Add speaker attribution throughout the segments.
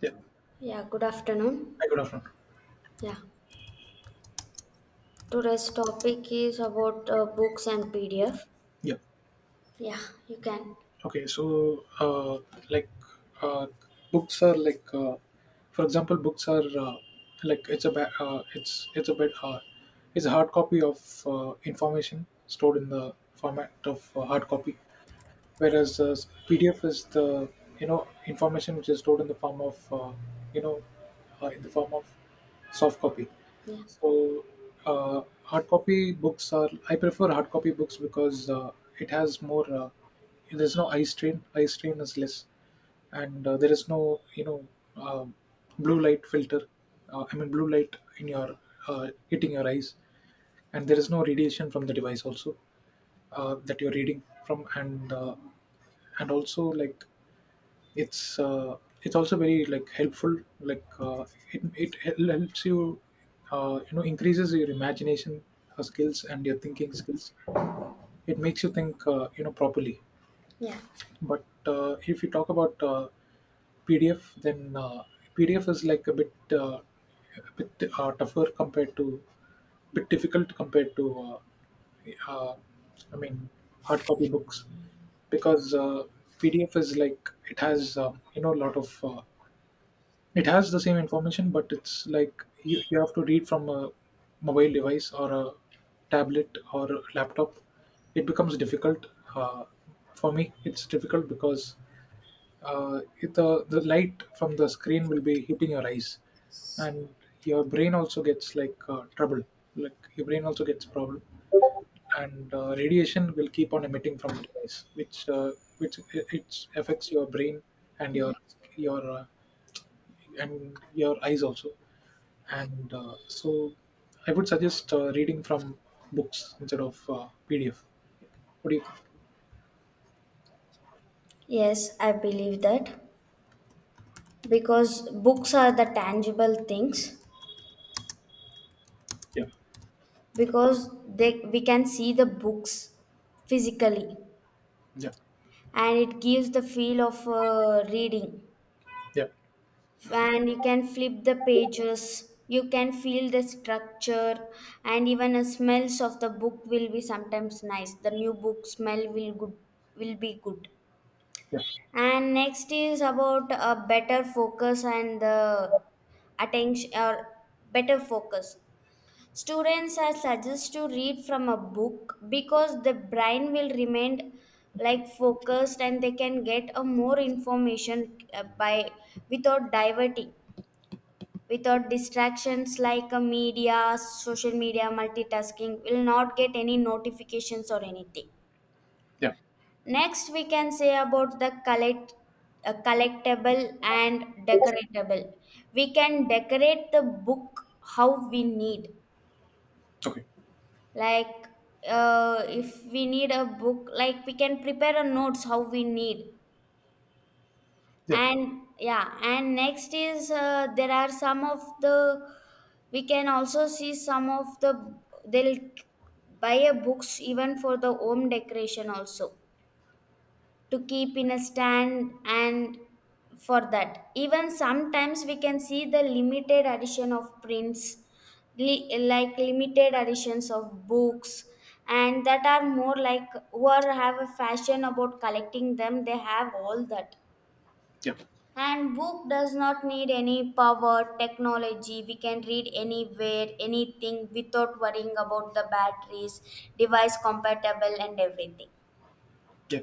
Speaker 1: Yeah.
Speaker 2: Yeah, good afternoon.
Speaker 1: Hi, good afternoon.
Speaker 2: Yeah, today's topic is about books and PDF.
Speaker 1: Yeah.
Speaker 2: Yeah, you can.
Speaker 1: Okay. So, like, uh, books are for example, books are like it's a bit hard. It's a hard copy of information stored in the format of hard copy, whereas PDF is the information which is stored in the form of you know in the form of soft copy.
Speaker 2: Yeah,
Speaker 1: So, hard copy books are, I prefer hard copy books because it has more. There's no eye strain. Eye strain is less, and there is no um blue light filter. I mean blue light in your hitting your eyes, and there is no radiation from the device also that you're reading from, and and also it's uh, it's also very like helpful like helps you, you know increases your imagination skills and your thinking skills. It makes you think, properly.
Speaker 2: yeah.
Speaker 1: But if you talk about PDF, then PDF is like a bit tougher compared to, bit difficult compared to uh, uh, I mean hard copy books, because PDF is like it has, a lot of it has the same information, but it's like you have to read from a mobile device or a tablet or a laptop. It becomes difficult. Uh, for me, it's difficult because the light from the screen will be hitting your eyes, and your brain also gets like trouble. Like your brain also gets problem, and radiation will keep on emitting from the device, which it affects your brain and your and your eyes also. And so, I would suggest reading from books instead of PDF. What do you think?
Speaker 2: Yes, I believe that because books are the tangible things
Speaker 1: Yeah,
Speaker 2: because they we can see the books physically,
Speaker 1: yeah,
Speaker 2: and it gives the feel of reading,
Speaker 1: yeah,
Speaker 2: and you can flip the pages, you can feel the structure, and even the smells of the book will be sometimes nice, the new book smell will good will be good.
Speaker 1: yeah,
Speaker 2: And next is about a better focus and the attention, or better focus, students are suggested to read from a book because the brain will remain like focused and they can get a more information by without diverting, without distractions like media, social media, multitasking, will not get any notifications or anything.
Speaker 1: yeah.
Speaker 2: Next, we can say about the collectible and decoratable. We can decorate the book how we need.
Speaker 1: Okay.
Speaker 2: Like if we need a book, like we can prepare a notes how we need,
Speaker 1: Yeah,
Speaker 2: and yeah, and next is there are some of the, we can also see some of the, they'll buy a books even for the home decoration also, to keep in a stand, and for that even sometimes we can see the limited edition of prints, like limited editions of books, and that are more like who are have a fashion about collecting them, they have all that.
Speaker 1: yeah,
Speaker 2: And book does not need any power, technology. We can read anywhere, anything without worrying about the batteries, device compatible, and everything.
Speaker 1: yeah,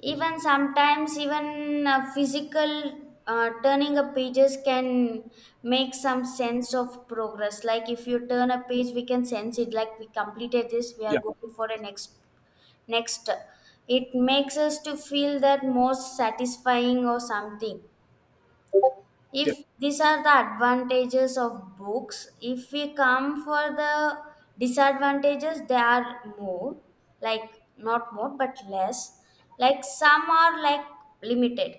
Speaker 2: Even sometimes even physical turning of pages can make some sense of progress. Like if you turn a page, we can sense it. Like we completed this, we are
Speaker 1: yeah,
Speaker 2: going for a next. It makes us to feel that more satisfying or something.
Speaker 1: yeah,
Speaker 2: If these are the advantages of books, if we come for the disadvantages, they are more like, not more but less, like some are like limited,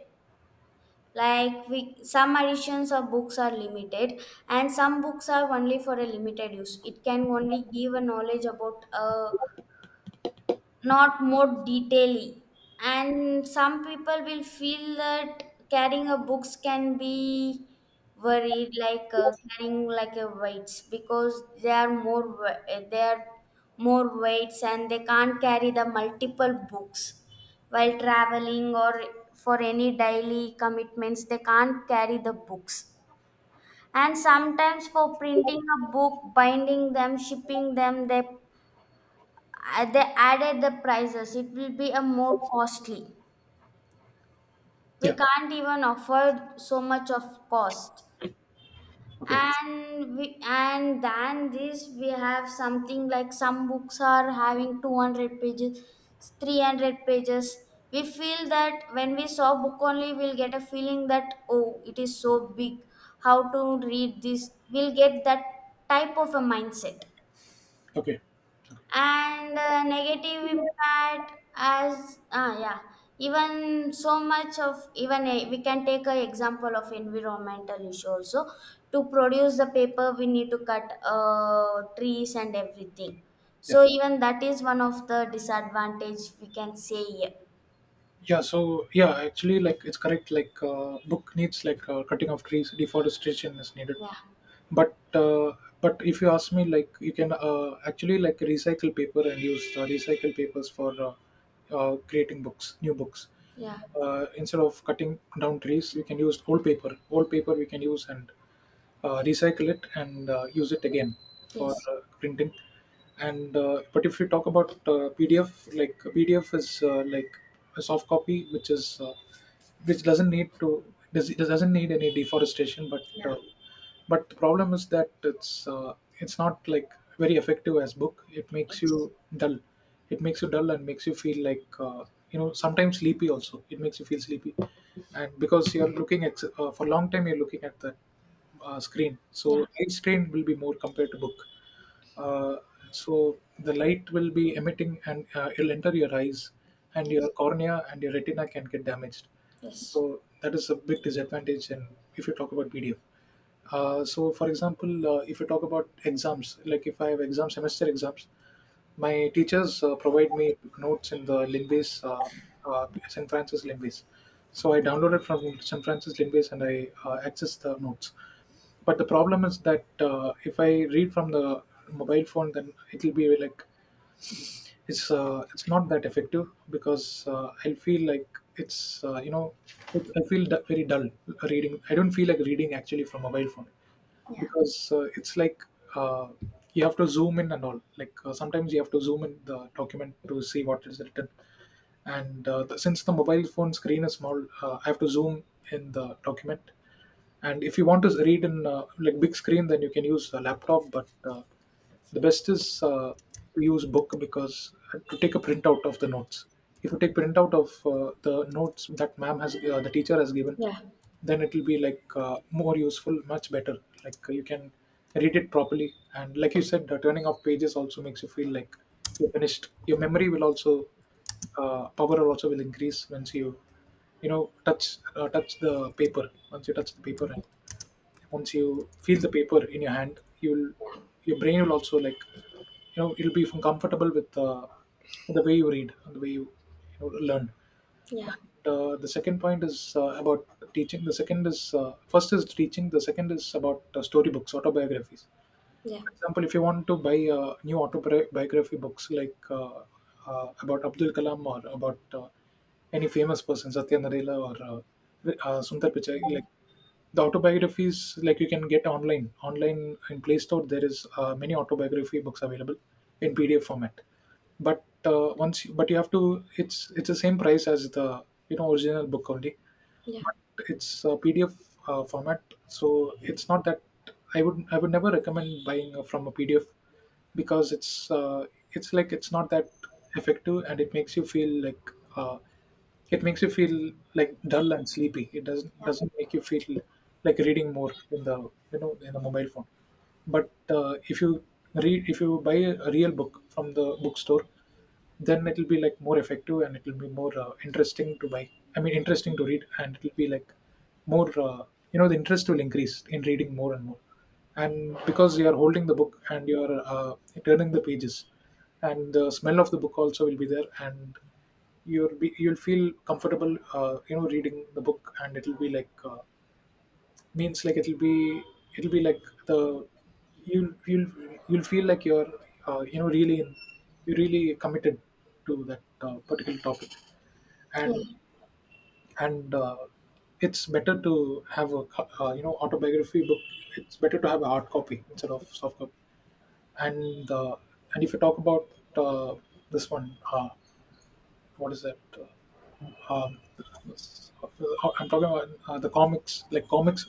Speaker 2: like we some editions of books are limited, and some books are only for a limited use, it can only give a knowledge about a, not more detailly. And some people will feel that carrying a books can be worried, like carrying like a weights, because they are more they are more weights, and they can't carry the multiple books while traveling or for any daily commitments, they can't carry the books. And sometimes for printing a book, binding them, shipping them, they they added the prices, it will be a more costly, we
Speaker 1: yeah.
Speaker 2: can't even afford so much of cost.
Speaker 1: Okay,
Speaker 2: And we and than this we have something like some books are having 200 pages, 300 pages, we feel that when we saw book only, we'll get a feeling that, oh, it is so big, how to read this, we'll get that type of a mindset.
Speaker 1: okay.
Speaker 2: And negative impact as, ah, yeah, even so much of even a, we can take an example of environmental issue also. To produce the paper we need to cut trees and everything,
Speaker 1: Yeah,
Speaker 2: so even that is one of the disadvantage we can say. Yeah,
Speaker 1: yeah. So yeah, actually, like it's correct. Like book needs like cutting of trees, deforestation is needed,
Speaker 2: yeah,
Speaker 1: but uh, but if you ask me, like, you can actually like recycle paper and use recycle papers for creating books new books
Speaker 2: yeah,
Speaker 1: instead of cutting down trees. We can use old paper, we can use and recycle it and use it again for
Speaker 2: yes,
Speaker 1: printing. And But if you talk about pdf, like pdf is like a soft copy which is which doesn't need to, doesn't need any deforestation,
Speaker 2: yeah,
Speaker 1: uh, but the problem is that it's not like very effective as book. It makes you
Speaker 2: yes,
Speaker 1: dull, it makes you dull and makes you feel like, sometimes sleepy also. It makes you feel sleepy, and because you're looking at for a long time, you're looking at that screen. So
Speaker 2: yeah,
Speaker 1: light strain will be more compared to book. Uh, so the light will be emitting, and it'll enter your eyes and your
Speaker 2: yes,
Speaker 1: cornea and your retina can get damaged.
Speaker 2: yes,
Speaker 1: So that is a big disadvantage. And if you talk about PDF, so for example, if you talk about exams, like if I have exam semester exams, my teachers provide me notes in the Linbase, St. Francis Linbase. So I downloaded from St. Francis Linbase and I access the notes. But the problem is that if I read from the mobile phone, then it will be like it's not that effective because I feel like it's I feel very dull reading. I don't feel like reading actually from mobile phone,
Speaker 2: yeah,
Speaker 1: because it's like uh, you have to zoom in and all. Like sometimes you have to zoom in the document to see what is written, and since the mobile phone screen is small, I have to zoom in the document. And if you want to read in like big screen, then you can use a laptop, but the best is to use book, because to take a printout of the notes, if you take printout of the notes that ma'am has the teacher has given,
Speaker 2: yeah,
Speaker 1: then it will be like more useful, much better. Like you can read it properly, and like you said, turning off pages also makes you feel like you finished. Your memory will also power also will increase once you you know touch touch the paper. Once you touch the paper and once you feel the paper in your hand, you'll, your brain will also like, it'll be comfortable with the way you read and the way you, you know, learn.
Speaker 2: yeah,
Speaker 1: The second point is about teaching the second is first is teaching, the second is about storybooks, autobiographies.
Speaker 2: yeah,
Speaker 1: For example, if you want to buy new autobiography books like about Abdul Kalam or about any famous person, Satya Nadella or Sundar Pichai, like the autobiographies, like you can get online in play store. There is many autobiography books available in pdf format, but but you have to, it's the same price as the original book only,
Speaker 2: yeah,
Speaker 1: but it's a PDF format, so it's not that, I would never recommend buying from a PDF, because it's like it's not that effective, and it makes you feel like uh, it makes you feel like dull and sleepy. It
Speaker 2: yeah,
Speaker 1: doesn't make you feel like reading more in the, in the mobile phone. But if you read, if you buy a real book from the bookstore, then it'll be like more effective, and it'll be more interesting to buy, I mean interesting to read, and it'll be like more the interest will increase in reading more and more, and because you are holding the book and you are turning the pages, and the smell of the book also will be there, and you'll feel comfortable, reading the book, and it'll be like means like it'll be, it'll be like the you'll you'll you'll feel like you're, really in, you really committed to that particular topic.
Speaker 2: yeah,
Speaker 1: And and uh, it's better to have a autobiography book, it's better to have a hard copy instead of soft copy. And and if you talk about uh, this one what is that um, I'm talking about the comics, like comics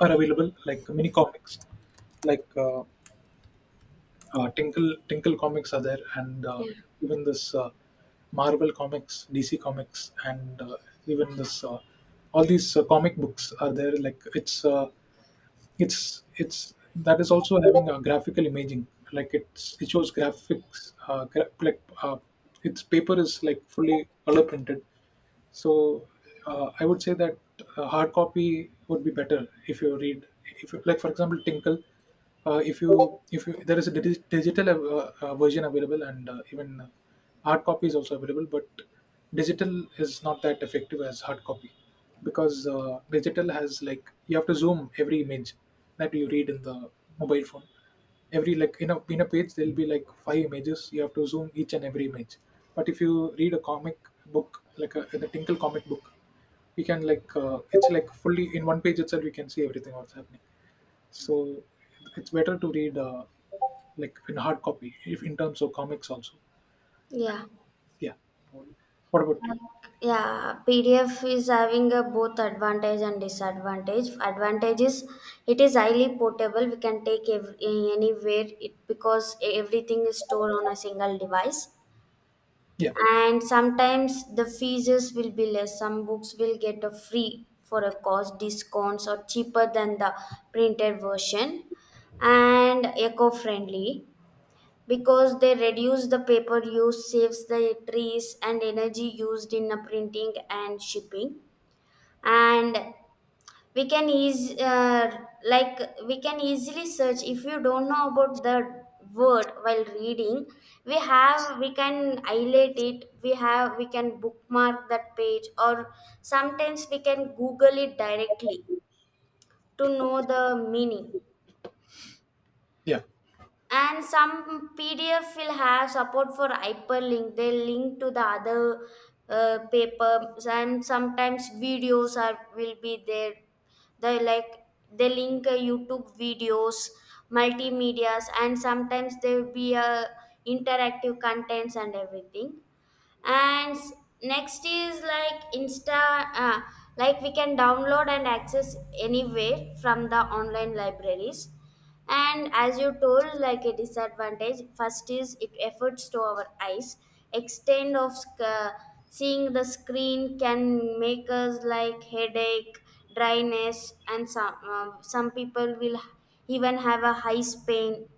Speaker 1: are available, like mini comics, like Tinkle comics are there, and
Speaker 2: yeah,
Speaker 1: even this Marvel comics, DC comics, and even this all these comic books are there. Like it's that, is also having a graphical imaging, like it shows graphics like its paper is like fully color printed. So I would say that hard copy would be better. If you read, if you, like for example tinkle, uh, if you if you, there is a digital version available, and even hard copy is also available, but digital is not that effective as hard copy, because digital has like you have to zoom every image that you read in the mobile phone. Every, like, in a page there'll be like five images, you have to zoom each and every image. But if you read a comic book like a, in a tinkle comic book, you can like it's like fully in one page itself, you can see everything what's happening. So it's better to read, like in hard copy, if in terms of comics also.
Speaker 2: yeah.
Speaker 1: Yeah. What about you?
Speaker 2: Like, yeah, PDF is having a both advantage and disadvantage. Advantage is it is highly portable. We can take anywhere it, because everything is stored on a single device.
Speaker 1: Yeah,
Speaker 2: And sometimes the fees will be less. Some books will get a free for a cost discounts or cheaper than the printed version. And eco-friendly because they reduce the paper use, saves the trees and energy used in the printing and shipping. And we can ease like we can easily search. If you don't know about the word while reading, we can highlight it, we can bookmark that page, or sometimes we can google it directly to know the meaning.
Speaker 1: yeah,
Speaker 2: And some pdf will have support for hyperlink, they link to the other papers, and sometimes videos are will be there, they like they link youtube videos, multimedias, and sometimes there will be interactive contents and everything. And s- next is like insta uh, like we can download and access anywhere from the online libraries. And as you told, like a disadvantage, first is it efforts to our eyes, extent of seeing the screen can make us like headache, dryness, and some people will even have a high pain.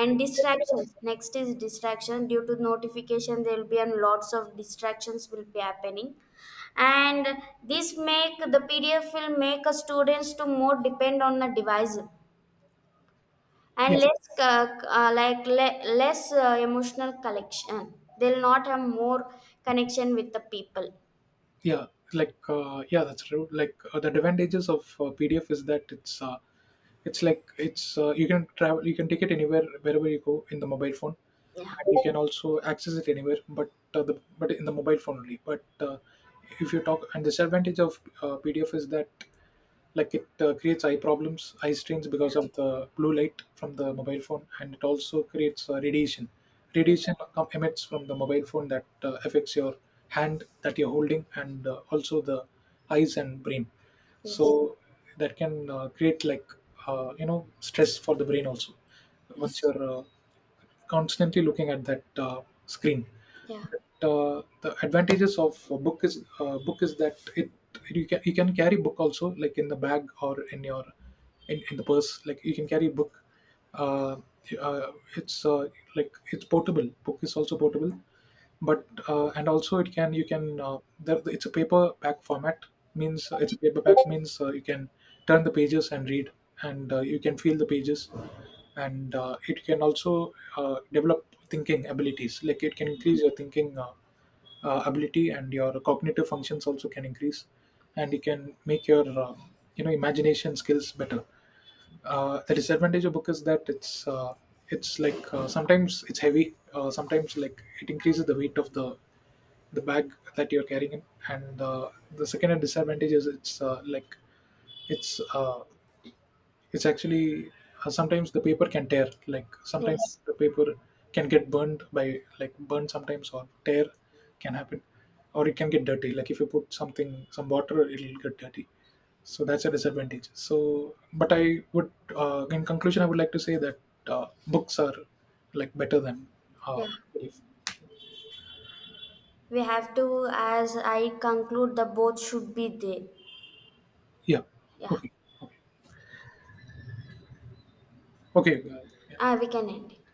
Speaker 2: And distractions, next is distraction due to notification, there will be and lots of distractions will be happening. And this make the pdf will make a students to more depend on the device, and
Speaker 1: yeah,
Speaker 2: less less emotional connection, they'll not have more connection with the people.
Speaker 1: yeah. Like, yeah, that's true. Like the advantages of PDF is that it's you can travel, you can take it anywhere wherever you go in the mobile phone,
Speaker 2: Yeah,
Speaker 1: and you can also access it anywhere, but the but in the mobile phone only. But if you talk, and disadvantage of PDF is that like it creates eye problems, eye strains,
Speaker 2: yeah,
Speaker 1: because of the blue light from the mobile phone, and it also creates radiation.
Speaker 2: yes,
Speaker 1: Radiation emits from the mobile phone that affects your hand that you're holding, and also the eyes and brain. So
Speaker 2: yes,
Speaker 1: that can create like stress for the brain also, once
Speaker 2: yes,
Speaker 1: you're constantly looking at that screen.
Speaker 2: yeah,
Speaker 1: But the advantages of a book is that it, you can carry book also, like in the bag or in your, in the purse, like you can carry book. Uh, uh, it's like it's portable, book is also portable. But and also it can, you can it's a paperback format, means it's a paperback, means you can turn the pages and read, and you can feel the pages. And it can also develop thinking abilities, like it can increase your thinking ability, and your cognitive functions also can increase, and it can make your imagination skills better. The disadvantage of book is that it's like sometimes it's heavy. Sometimes like it increases the weight of the bag that you're carrying in. And the second disadvantage is it's like it's uh, it's actually sometimes the paper can tear, like sometimes
Speaker 2: yes,
Speaker 1: the paper can get burned by, like burned sometimes, or tear can happen, or it can get dirty, like if you put something, some water, it'll get dirty. So that's a disadvantage. But I would, in conclusion I would like to say that uh, books are like better than uh,
Speaker 2: yeah,
Speaker 1: if,
Speaker 2: we have to, as I conclude, the both should be there.
Speaker 1: yeah.
Speaker 2: Yeah.
Speaker 1: Okay. Okay, okay.
Speaker 2: Ah, we can end it.